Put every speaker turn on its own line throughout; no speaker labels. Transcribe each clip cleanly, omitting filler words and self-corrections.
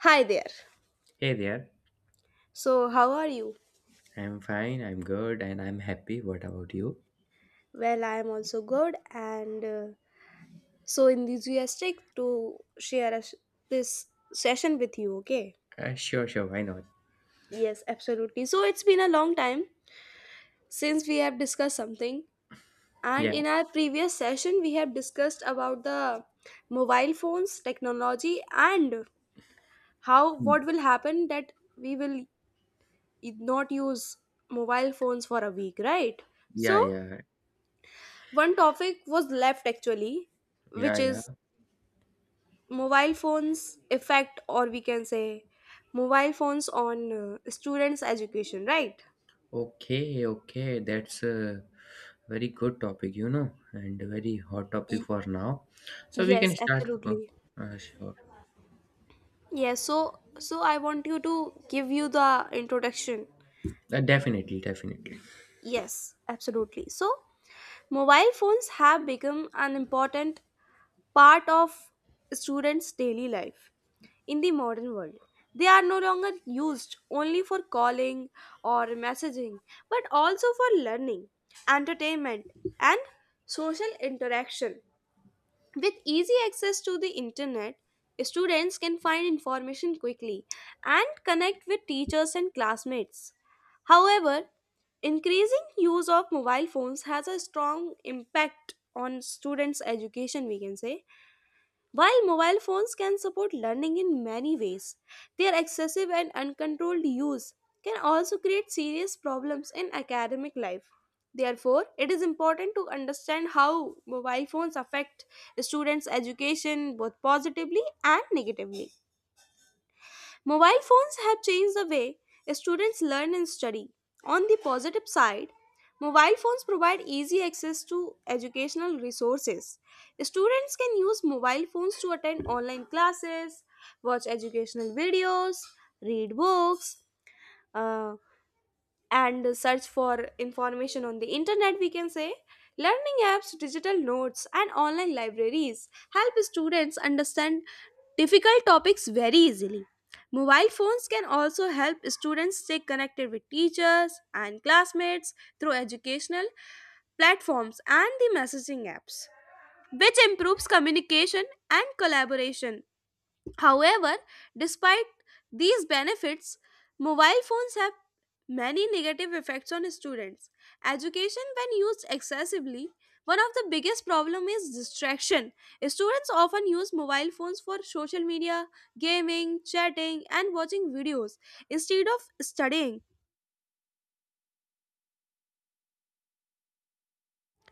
Hi there.
Hey there.
So, how are you?
I'm fine, I'm good, and I'm happy. What about you?
Well, I am also good and so enthusiastic to share this session with you, okay?
Sure, sure, why not?
Yes, absolutely. So, it's been a long time since we have discussed something,
Yeah.
and in our previous session, we have discussed about the mobile phones, technology, and how what
Mm.
will happen that we will not use mobile phones for a week, right?
Yeah,
So,
yeah,
one topic was left actually,
yeah,
which
yeah.
is mobile phones effect, or we can say mobile phones on students' education, right?
Okay, okay, that's a very good topic, you know, and a very hot topic for now. So we can
Yes,
start.
absolutely.
Sure.
Yes, so I want you to give you the introduction.
Definitely, definitely.
Yes, absolutely. So, mobile phones have become an important part of students' daily life in the modern world. They are no longer used only for calling or messaging, but also for learning, entertainment, and social interaction. With easy access to the internet, students can find information quickly and connect with teachers and classmates. However, increasing use of mobile phones has a strong impact on students' education, we can say while mobile phones can support learning in many ways, their excessive and uncontrolled use can also create serious problems in academic life. Therefore, it is important to understand how mobile phones affect students' education both positively and negatively. Mobile phones have changed the way students learn and study. On the positive side, mobile phones provide easy access to educational resources. Students can use mobile phones to attend online classes, watch educational videos, read books, uh, and search for information on the internet. We can say learning apps, digital notes, and online libraries help students understand difficult topics very easily. Mobile phones can also help students stay connected with teachers and classmates through educational platforms and the messaging apps, which improves communication and collaboration. However, despite these benefits, mobile phones have many negative effects on students' education. When used excessively, one of the biggest problem is distraction. Students often use mobile phones for social media, gaming, chatting, and watching videos instead of studying.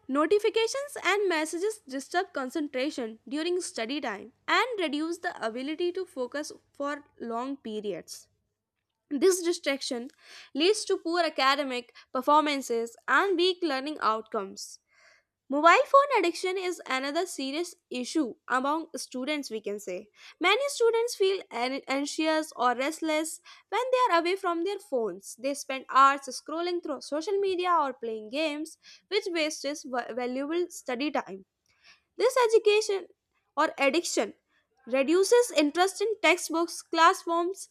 Notifications and messages disturb concentration during study time and reduce the ability to focus for long periods. This distraction leads to poor academic performances and weak learning outcomes. Mobile phone addiction is another serious issue among students, we can say. Many students feel anxious or restless when they are away from their phones. They spend hours scrolling through social media or playing games, which wastes valuable study time. This education or addiction reduces interest in textbooks, classrooms,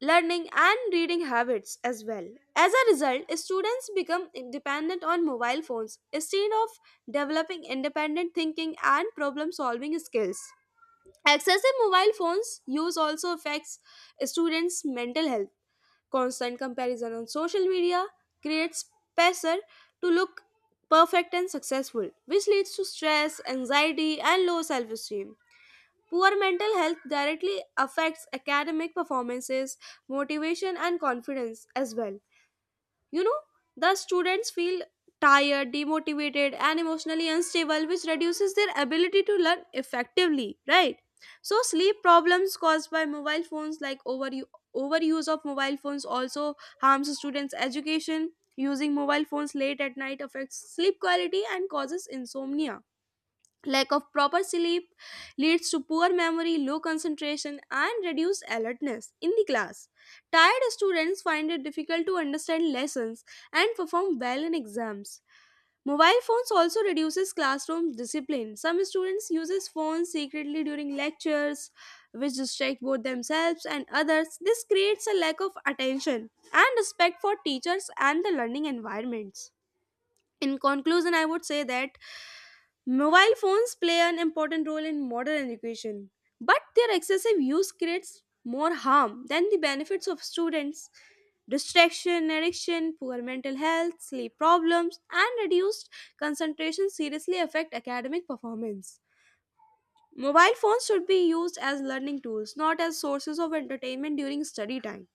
learning, and reading habits as well. As a result, students become dependent on mobile phones instead of developing independent thinking and problem solving skills. Excessive mobile phones use also affects students' mental health. Constant comparison on social media creates pressure to look perfect and successful, which leads to stress, anxiety, and low self esteem. Poor mental health directly affects academic performances, motivation, and confidence as well. You know, the students feel tired, demotivated, and emotionally unstable, which reduces their ability to learn effectively, right? So, sleep problems caused by mobile phones, like overuse of mobile phones, also harms students' education. Using mobile phones late at night affects sleep quality and causes insomnia. Lack of proper sleep leads to poor memory, low concentration, and reduced alertness in the class. Tired students find it difficult to understand lessons and perform well in exams. Mobile phones also reduces classroom discipline. Some students uses phones secretly during lectures, which distract both themselves and others. This creates a lack of attention and respect for teachers and the learning environments. In conclusion, I would say that mobile phones play an important role in modern education, but their excessive use creates more harm than the benefits of students. Distraction, addiction, poor mental health, sleep problems, and reduced concentration seriously affect academic performance. Mobile phones should be used as learning tools, not as sources of entertainment during study time.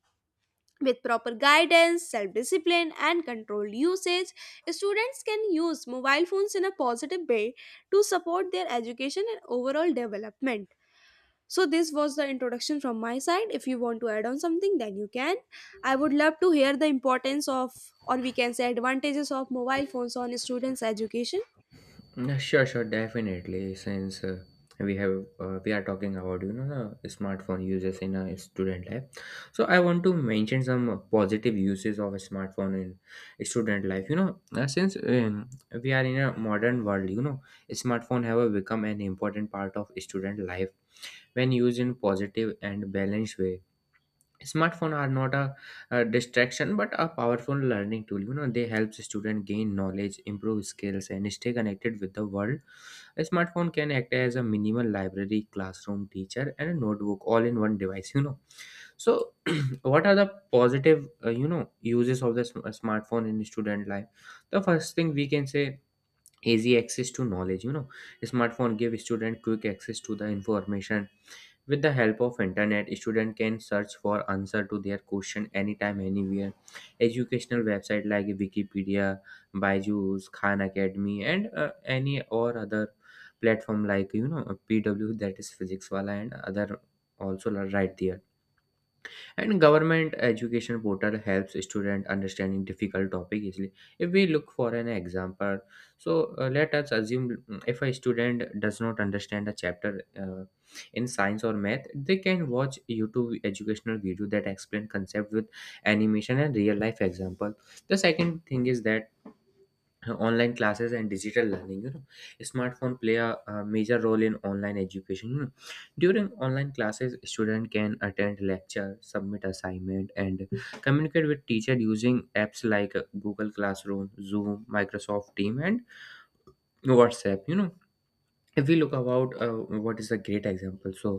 With proper guidance, self discipline, and controlled usage, students can use mobile phones in a positive way to support their education and overall development. So, this was the introduction from my side. If you want to add on something, then you can. I would love to hear the importance of, or we can say, advantages of mobile phones on students' education.
Yeah, sure, sure, definitely. Since we have We are talking about the smartphone uses in a student life, so I want to mention some positive uses of a smartphone in student life. You know, since we are in a modern world, you know, smartphone have become an important part of student life when used in positive and balanced way. Smartphone are not a distraction but a powerful learning tool. You know, they help student gain knowledge, improve skills, and stay connected with the world. A smartphone can act as a minimal library, classroom teacher, and a notebook, all in one device. You know, so what are the positive uses of the smartphone in student life? The first thing, we can say, easy access to knowledge. You know, smartphone give student quick access to the information. With the help of internet, students can search for answer to their question, anytime, anywhere. Educational website like Wikipedia, Byju's, Khan Academy, and any or other platform like, you know, PW, that is Physics Wala, and other also are right there, and government education portal helps student understanding difficult topic easily. If we look for an example, so let us assume, if a student does not understand a chapter in science or math, they can watch youtube educational video that explain concept with animation and real life example. The second thing is that online classes and digital learning. You know, smartphone play a major role in online education. You know, during online classes, student can attend lecture, submit assignment, and communicate with teacher using apps like google classroom, zoom, microsoft team, and whatsapp. You know, if we look about what is a great example, so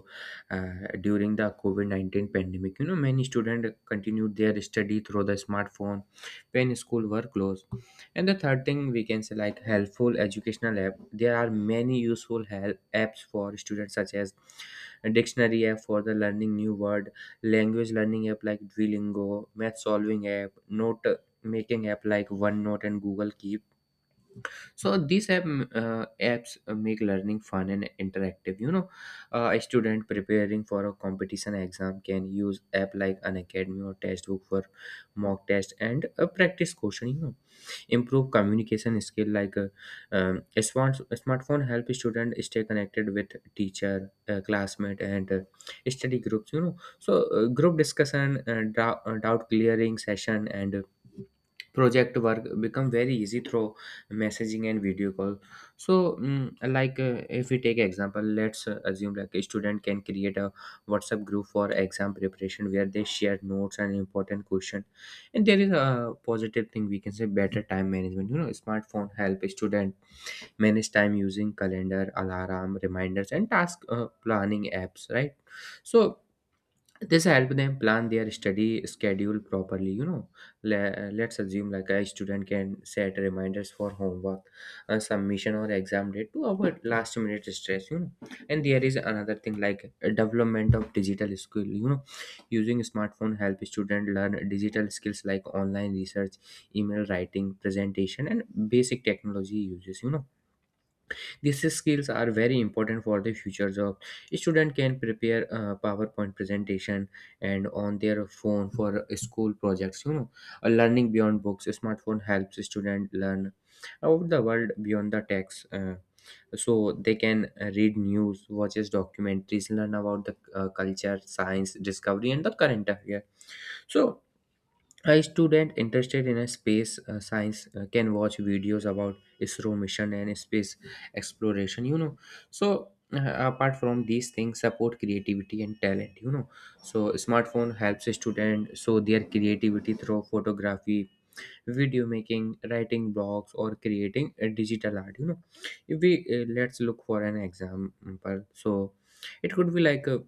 during the covid-19 pandemic, you know, many students continued their study through the smartphone when school were closed. And the third thing, we can say, like helpful educational app. There are many useful help apps for students, such as a dictionary app for the learning new word, language learning app like duolingo, math solving app, note making app like onenote and google keep. So these apps make learning fun and interactive. You know, a student preparing for a competition exam can use app like an academy or textbook for mock test and a practice question. You know, improve communication skill, like a smartphone help student stay connected with teacher, classmate, and study groups. You know, so group discussion, doubt clearing session, and project work become very easy through messaging and video call. So, like, if we take example, let's assume like a student can create a whatsapp group for exam preparation where they share notes and important question. And there is a positive thing, we can say, better time management. You know, smartphone help a student manage time using calendar, alarm, reminders, and task planning apps, right? So this help them plan their study schedule properly. You know, let's assume like a student can set reminders for homework submission or exam date to avoid last minute stress. You know, and there is another thing, like development of digital skill. You know, using smartphone help student learn digital skills like online research, email writing, presentation, and basic technology uses. You know, these skills are very important for the future job. Student can prepare PowerPoint presentation and on their phone for school projects. You know, learning beyond books. A smartphone helps student learn about the world beyond the text. So they can read news, watches documentaries, learn about the culture, science, discovery, and the current affair. So a student interested in a space science can watch videos about ISRO mission and space exploration. You know, so apart from these things, support creativity and talent. You know, so smartphone helps a student show their creativity through photography, video making, writing blogs, or creating a digital art. You know, if we let's look for an example, so it could be like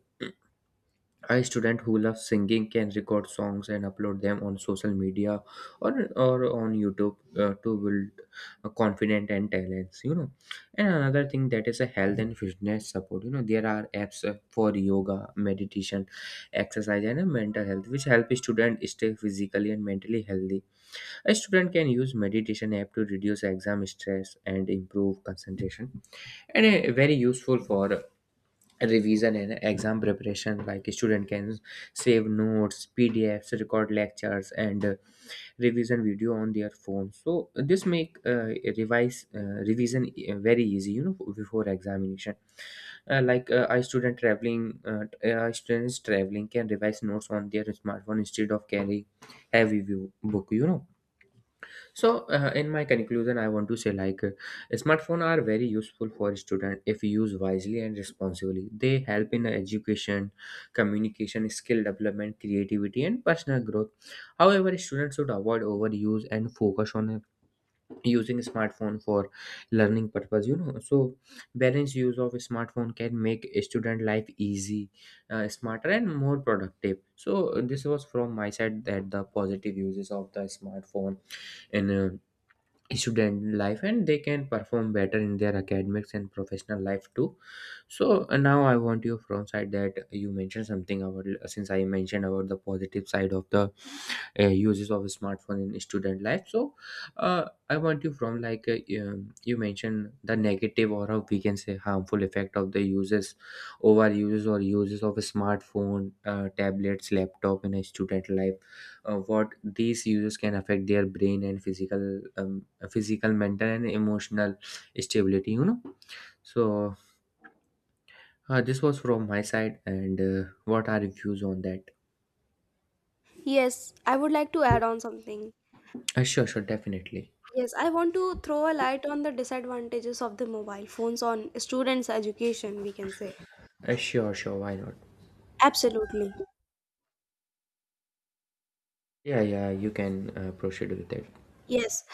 a student who loves singing can record songs and upload them on social media, or on youtube to build a confident and talents. You know, and another thing, that is a health and fitness support. You know, there are apps for yoga, meditation, exercise, and mental health, which help students stay physically and mentally healthy. A student can use meditation app to reduce exam stress and improve concentration. And very useful for revision and exam preparation, like a student can save notes, pdfs, record lectures, and revision video on their phone. So this make revise revision very easy, you know, before examination. uh, like uh, i student traveling uh, I students traveling can revise notes on their smartphone instead of carrying heavy view book. You know, so in my conclusion, I want to say, like, smartphone are very useful for student if used wisely and responsibly. They help in education, communication, skill development, creativity, and personal growth. However, students should avoid overuse and focus on using smartphone for learning purpose. You know, so balanced use of smartphone can make a student life easy, smarter, and more productive. So, this was from my side, that the positive uses of the smartphone in student life, and they can perform better in their academics and professional life too. So now I want you from side that you mentioned something about, since I mentioned about the positive side of the uses of smartphone in student life, so I want you, from like you mentioned the negative, or how we can say harmful effect of the uses over uses or uses of a smartphone, tablets, laptop in a student life. What these users can affect their brain and physical, mental, and emotional stability, you know? So this was from my side, and what are your views on that?
Yes, I would like to add on something.
Sure, sure, definitely.
Yes, I want to throw a light on the disadvantages of the mobile phones on students' education, we can say.
Sure, sure, why not?
Absolutely.
Yeah, yeah, you can proceed with it.
Yes,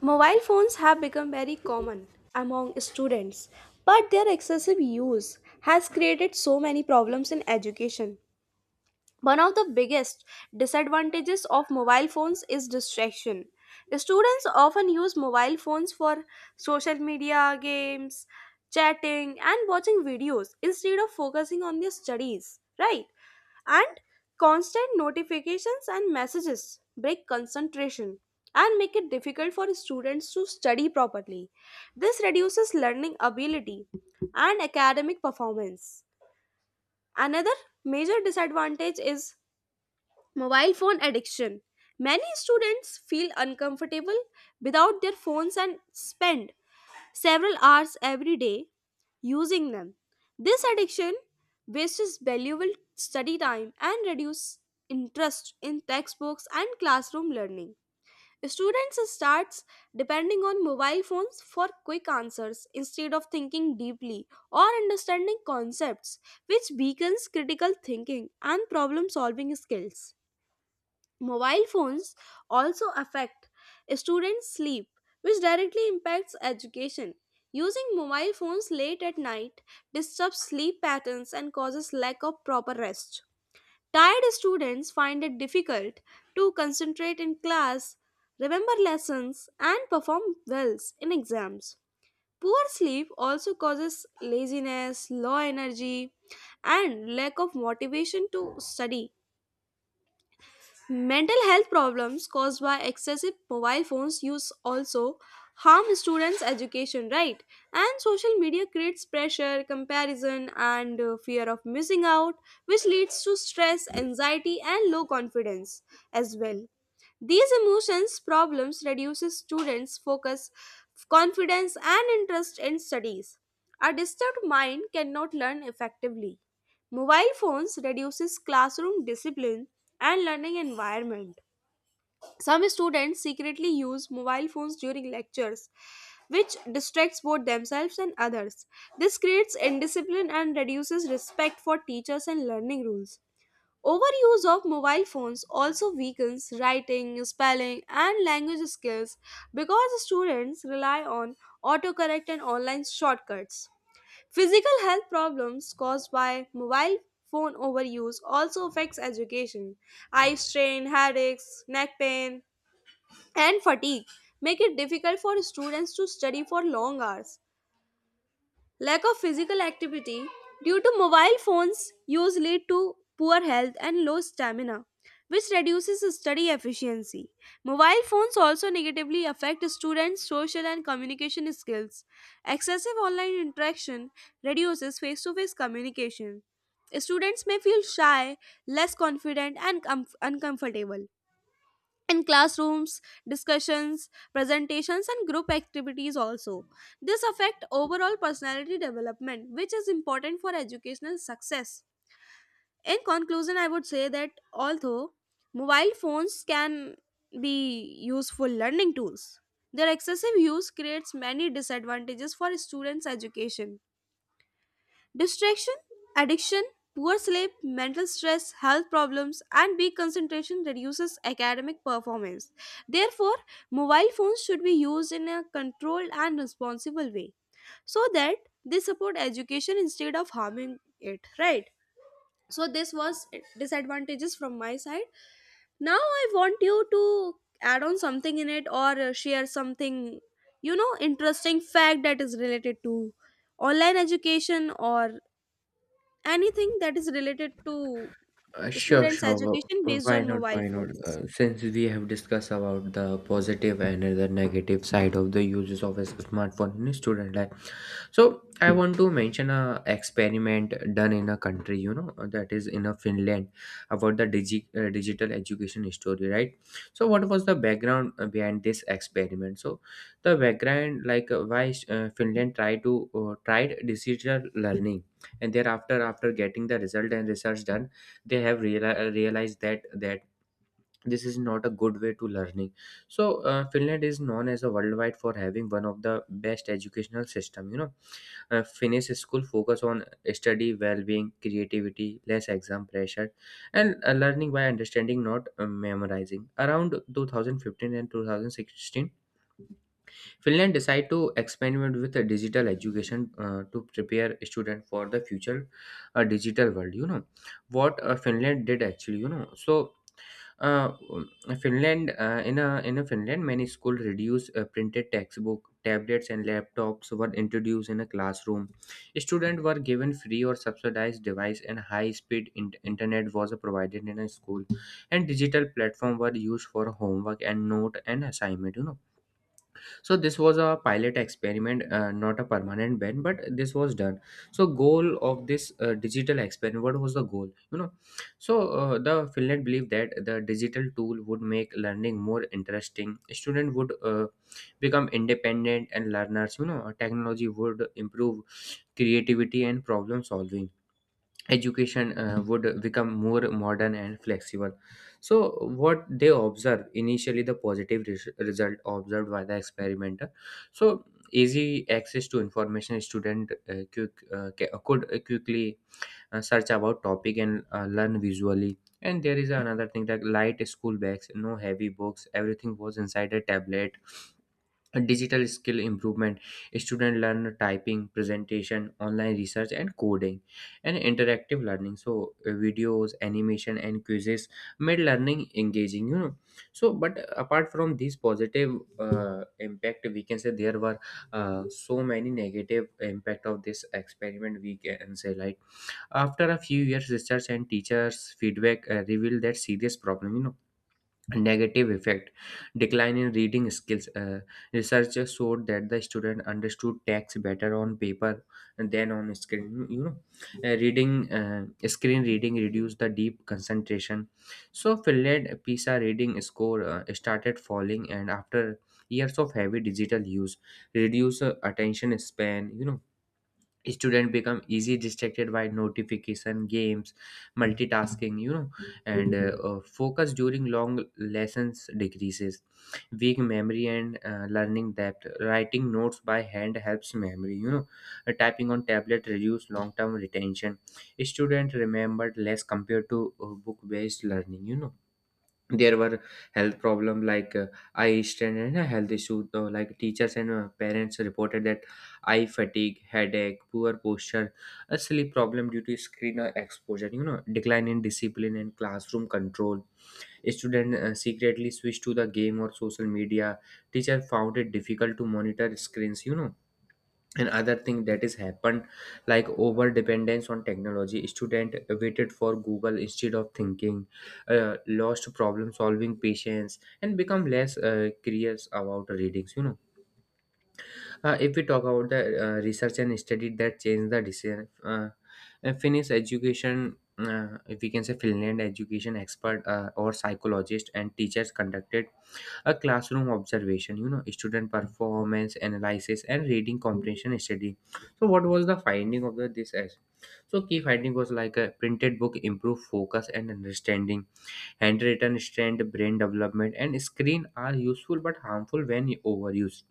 mobile phones have become very common among students, but their excessive use has created so many problems in education. One of the biggest disadvantages of mobile phones is distraction. Students often use mobile phones for social media, games, chatting, and watching videos instead of focusing on their studies, right? And constant notifications and messages break concentration and make it difficult for students to study properly. This reduces learning ability and academic performance. Another major disadvantage is mobile phone addiction. Many students feel uncomfortable without their phones and spend several hours every day using them. This addiction wastes valuable study time and reduces interest in textbooks and classroom learning. Students starts depending on mobile phones for quick answers instead of thinking deeply or understanding concepts, which weakens critical thinking and problem solving skills. Mobile phones also affect students' sleep, which directly impacts education. Using mobile phones late at night disturbs sleep patterns and causes lack of proper rest. Tired students find it difficult to concentrate in class, remember lessons, and perform well in exams. Poor sleep also causes laziness, low energy, and lack of motivation to study. Mental health problems caused by excessive mobile phones use also harm students' education, right? And social media creates pressure, comparison, and fear of missing out, which leads to stress, anxiety, and low confidence as well. These emotions problems reduces students' focus, confidence, and interest in studies. A disturbed mind cannot learn effectively. Mobile phones reduces classroom discipline and learning environment. Some students secretly use mobile phones during lectures, which distracts both themselves and others. This creates indiscipline and reduces respect for teachers and learning rules. Overuse of mobile phones also weakens writing, spelling, and language skills because students rely on autocorrect and online shortcuts. Physical health problems caused by mobile phone overuse also affects education. Eye strain, headaches, neck pain, and fatigue make it difficult for students to study for long hours. Lack of physical activity due to mobile phones use lead to poor health and low stamina, which reduces study efficiency. Mobile phones also negatively affect students' social and communication skills. Excessive online interaction reduces face to face communication. Students may feel shy, less confident, and uncomfortable in classrooms discussions, presentations, and group activities also. This affect overall personality development, which is important for educational success. In conclusion, I would say that although mobile phones can be useful learning tools, their excessive use creates many disadvantages for students education. Distraction, addiction, poor sleep, mental stress, health problems, and weak concentration reduces academic performance. Therefore, mobile phones should be used in a controlled and responsible way so that they support education instead of harming it, right? So this was disadvantages from my side. Now I want you to add on something in it or share something, you know, interesting fact that is related to online education or anything that is related to
uh, sure
students
sure
education
wh-
based
why
on
not,
mobile
why not?
phones.
Since we have discussed about the positive and the negative side of the uses of a smartphone in a student life. So I want to mention a experiment done in a country, you know, that is in a Finland, about the digital education story, right? So what was the background behind this experiment? So the background, like, why Finland tried digital learning, and thereafter, after getting the result and research done, they have realized that this is not a good way to learning. So Finland is known as a worldwide for having one of the best educational system, you know, finish school, focus on study, well-being, creativity, less exam pressure, and learning by understanding, not memorizing. Around 2015 and 2016, Finland decided to experiment with a digital education to prepare students for the future digital world. You know what Finland did actually. Uh, Finland, in a Finland, many schools reduced printed textbook, tablets and laptops were introduced in a classroom. Students were given free or subsidized device and high speed internet was provided in a school, and digital platform were used for homework and note and assignment. So this was a pilot experiment, not a permanent ban, but this was done. So goal of this digital experiment, what was the goal? So the Finland believed that the digital tool would make learning more interesting, student would become independent and learners. Technology would improve creativity and problem solving, education would become more modern and flexible. So what they observe initially, the positive result observed by the experimenter. So easy access to information, student quick, could quickly search about topic and learn visually. And there is another thing, that light school bags, no heavy books, everything was inside a tablet. A digital skill improvement, student learn typing, presentation, online research and coding. And interactive learning, so videos, animation and quizzes made learning engaging. So but apart from these positive impact, we can say there were so many negative impact of this experiment. We can say, like, after a few years, research and teachers feedback revealed that serious problem, negative effect. Decline in reading skills, researchers showed that the student understood text better on paper than on screen. Reading, screen reading reduced the deep concentration. So Finland PISA reading score started falling, and after years of heavy digital use, reduced attention span. Student become easy distracted by notification, games, multitasking. And focus during long lessons decreases. Weak memory and learning depth, writing notes by hand helps memory. Typing on tablet reduce long term retention, student remembered less compared to book based learning. There were health problem like eye strain and a health issue. So, like, teachers and parents reported that eye fatigue, headache, poor posture, a sleep problem due to screen exposure, decline in discipline and classroom control. Student secretly switched to the game or social media, teacher found it difficult to monitor screens. And other thing that is happened, like, over dependence on technology, student waited for Google instead of thinking, lost problem solving patience and become less curious about readings. If we talk about the research and study that changed the decision, Finnish education, if we can say, Finland education expert or psychologist and teachers conducted a classroom observation, student performance analysis and reading comprehension study. So what was the finding of this, as, so key finding was like a printed book improve focus and understanding, handwritten strength brain development, and screen are useful but harmful when overused.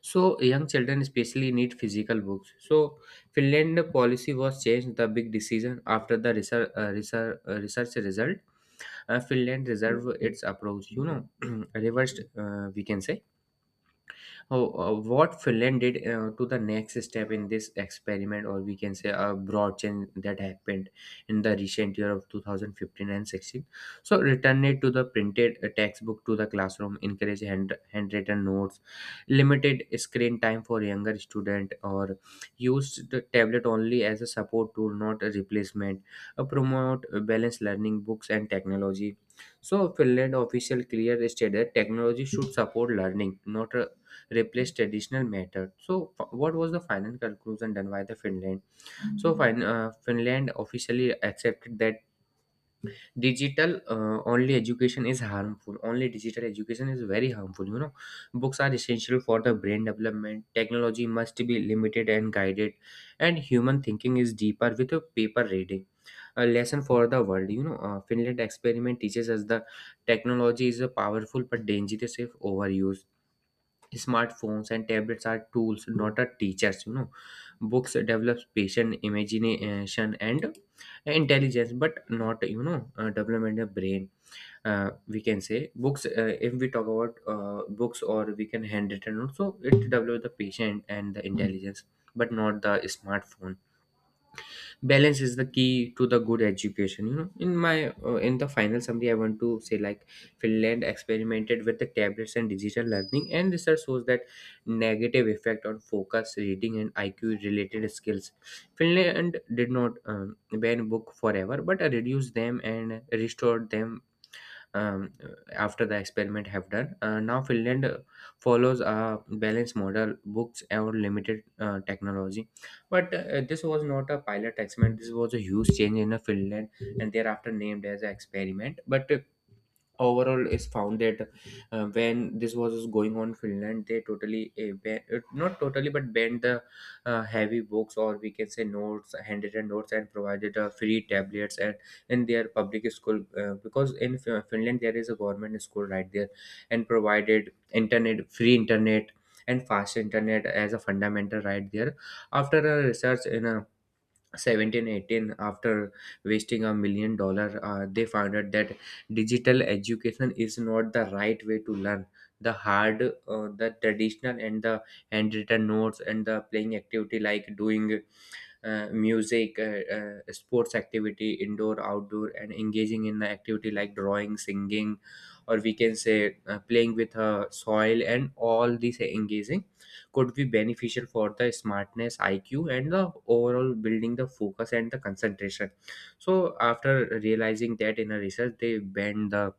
So young children especially need physical books. So Finland policy was changed, the big decision after the research, research result. Finland reserve its approach, you know, reversed, we can say. Oh, what Finland did to the next step in this experiment, or we can say a broad change that happened in the recent year of 2015 and 16. So, return it to the printed textbook to the classroom, encourage handwritten notes, limited screen time for younger student, or use the tablet only as a support tool, not a replacement. Promote balanced learning, books and technology. So, Finland official clear stated that technology should support learning, not replace traditional method. So, what was the final conclusion done by the Finland? So, Finland officially accepted that digital only education is harmful. Only digital education is very harmful. Books are essential for the brain development, technology must be limited and guided, and human thinking is deeper with a paper reading. A lesson for the world. Finland experiment teaches us the technology is a powerful but dangerous if overused. Smartphones and tablets are tools, not a teachers. Books develops patience, imagination, and intelligence, but not development of brain. We can say books. If we talk about books, or we can handwritten also, it develops the patient and the intelligence, but not the smartphone. Balance is the key to the good education. In my in the final summary, I want to say, like, Finland experimented with the tablets and digital learning, and research shows that negative effect on focus, reading and IQ related skills. Finland did not ban book forever, but reduced them and restored them. um, After the experiment have done. Now Finland follows a balanced model, books or limited technology. But this was not a pilot experiment. This was a huge change in Finland, and thereafter named as an experiment. But overall is found that when this was going on, Finland, they totally not totally, but banned the heavy books, or we can say notes, handwritten notes, and provided free tablets and in their public school because in Finland there is a government school right there, and provided internet, free internet and fast internet as a fundamental right there. After a research in a 17 18, after wasting $1 million they found out that digital education is not the right way to learn. The hard, the traditional and the handwritten notes and the playing activity, like doing music, sports activity, indoor, outdoor, and engaging in the activity like drawing, singing, or we can say playing with soil, and all these engaging could be beneficial for the smartness, IQ, and the overall building the focus and the concentration. So after realizing that in a research, they banned the,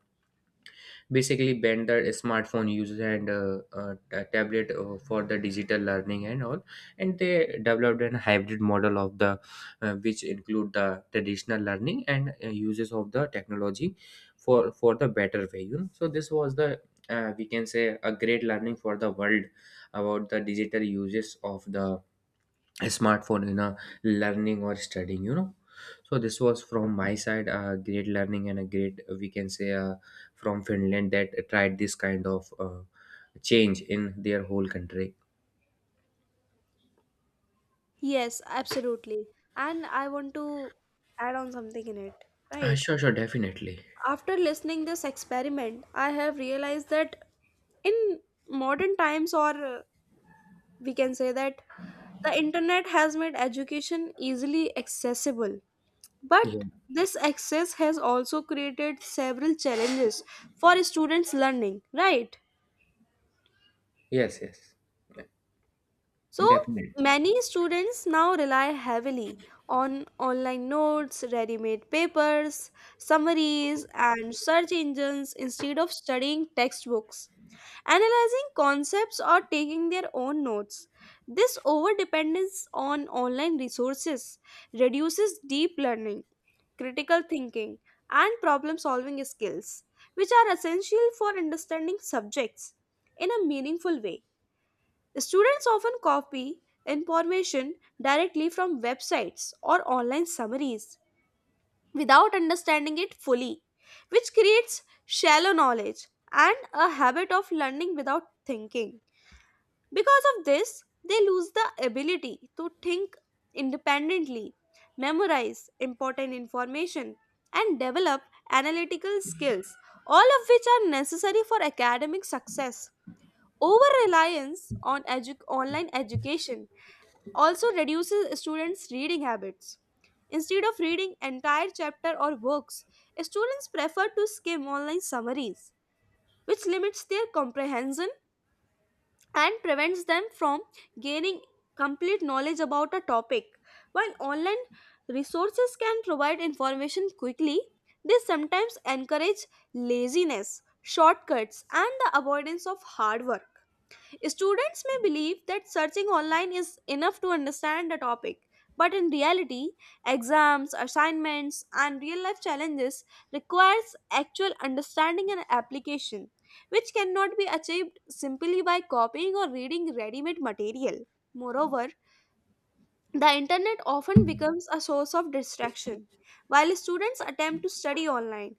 basically banned the smartphone usage and tablet for the digital learning and all, and they developed a hybrid model of the which include the traditional learning and uses of the technology for the better way. So this was the we can say a great learning for the world about the digital uses of the smartphone in a learning or studying. So this was from my side, a great learning and a great, we can say from Finland that tried this kind of change in their whole country.
Yes, absolutely. And I want to add on something in it,
Uh,
right?
sure, sure, definitely.
After listening this experiment, I have realized that in modern times or we can say that the internet has made education easily accessible,
Yeah.
but this access has also created several challenges for students learning, right?
Yes, yes.
So
Yeah, definitely.
many students now rely heavily on online notes, ready made papers, summaries, and search engines instead of studying textbooks, analyzing concepts, or taking their own notes. This overdependence on online resources reduces deep learning, critical thinking, and problem solving skills, which are essential for understanding subjects in a meaningful way. Students often copy information directly from websites or online summaries without understanding it fully, which creates shallow knowledge and a habit of learning without thinking. Because of this, they lose the ability to think independently, memorize important information, and develop analytical skills, all of which are necessary for academic success. Over reliance on online education also reduces students' reading habits. Instead of reading entire chapter or books, students prefer to skim online summaries, which limits their comprehension and prevents them from gaining complete knowledge about a topic. While online resources can provide information quickly, they sometimes encourage laziness, shortcuts, and the avoidance of hard work. Students may believe that searching online is enough to understand the topic, but in reality, exams, assignments, and real life challenges requires actual understanding and application, which cannot be achieved simply by copying or reading ready-made material. Moreover, the internet often becomes a source of distraction. While students attempt to study online,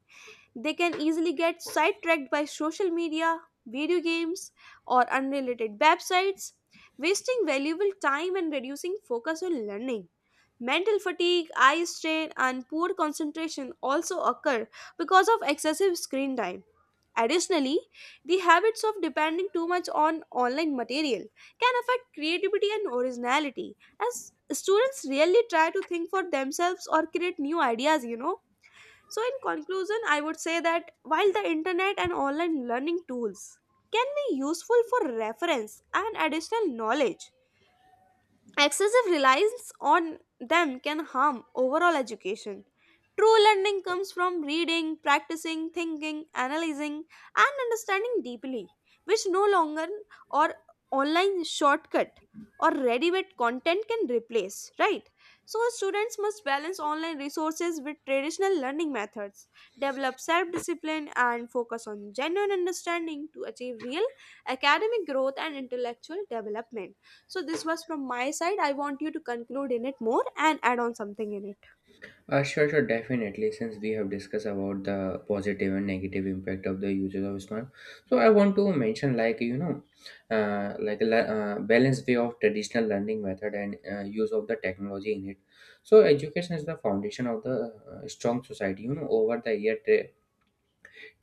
they can easily get sidetracked by social media, video games, or unrelated websites, wasting valuable time and reducing focus on learning. Mental fatigue, eye strain, and poor concentration also occur because of excessive screen time. Additionally, the habits of depending too much on online material can affect creativity and originality, as students rarely try to think for themselves or create new ideas, you know. So, in conclusion, I would say that while the internet and online learning tools can be useful for reference and additional knowledge, excessive reliance on them can harm overall education. True learning comes from reading, practicing, thinking, analyzing, and understanding deeply, which no longer or online shortcut or ready-made content can replace, right? So students must balance online resources with traditional learning methods, develop self-discipline and focus on genuine understanding to achieve real academic growth and intellectual development. So, this was from my side. I want you to conclude in it more and add on something in it.
Sure, sure, definitely. Since we have discussed about the positive and negative impact of the usage of smartphone, so I want to mention, like, you know, like a balanced way of traditional learning method and use of the technology in it. So education is the foundation of the strong society. You know, over the year,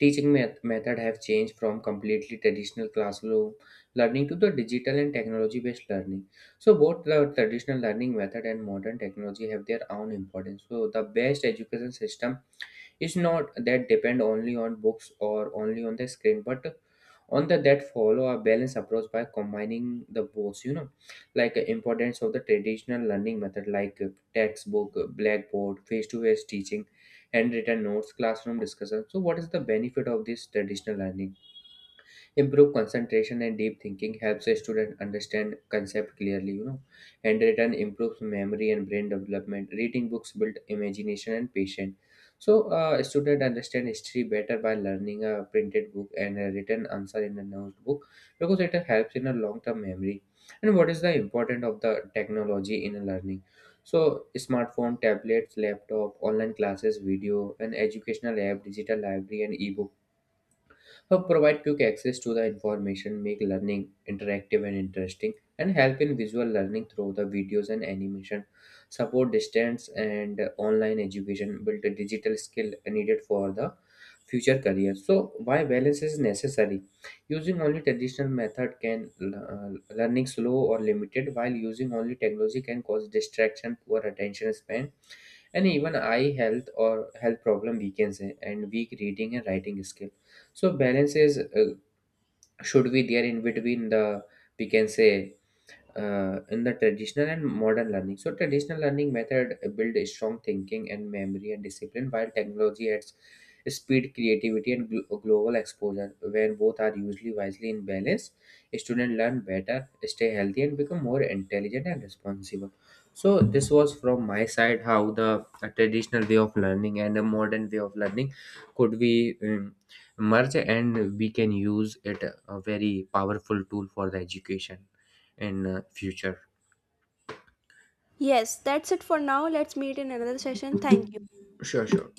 teaching method have changed from completely traditional classroom learning to the digital and technology based learning. So both the traditional learning method and modern technology have their own importance. So the best education system, it's not that depend only on books or only on the screen, but on the that follow a balanced approach by combining the both. Like importance of the traditional learning method like textbook, blackboard, face-to-face teaching, handwritten notes, classroom discussion. So what is the benefit of this traditional learning? Improved concentration and deep thinking helps a student understand concept clearly, you know. Handwritten improves memory and brain development, reading books build imagination and patience. So, a student understand history better by learning a printed book and a written answer in a notebook, because it helps in a long-term memory. And what is the importance of the technology in a learning? So, smartphone, tablets, laptop, online classes, video, and educational app, digital library, and e-book provide quick access to the information, make learning interactive and interesting, and help in visual learning through the videos and animation, support distance and online education, build a digital skill needed for the future career. So, why balance is necessary? Using only traditional method can learning slow or limited, while using only technology can cause distraction, poor attention span and even eye health or health problem, we can say, and weak reading and writing skill. So balance is should be there in between the, we can say in the traditional and modern learning. So traditional learning method build a strong thinking and memory and discipline, while technology adds speed, creativity, and global exposure. When both are usually wisely in balance, students learn better, stay healthy, and become more intelligent and responsible. So this was from my side, how the traditional way of learning and a modern way of learning could be merged, and we can use it a very powerful tool for the education in future.
Yes, that's it for now. Let's meet in another session. Thank you.
Sure, sure.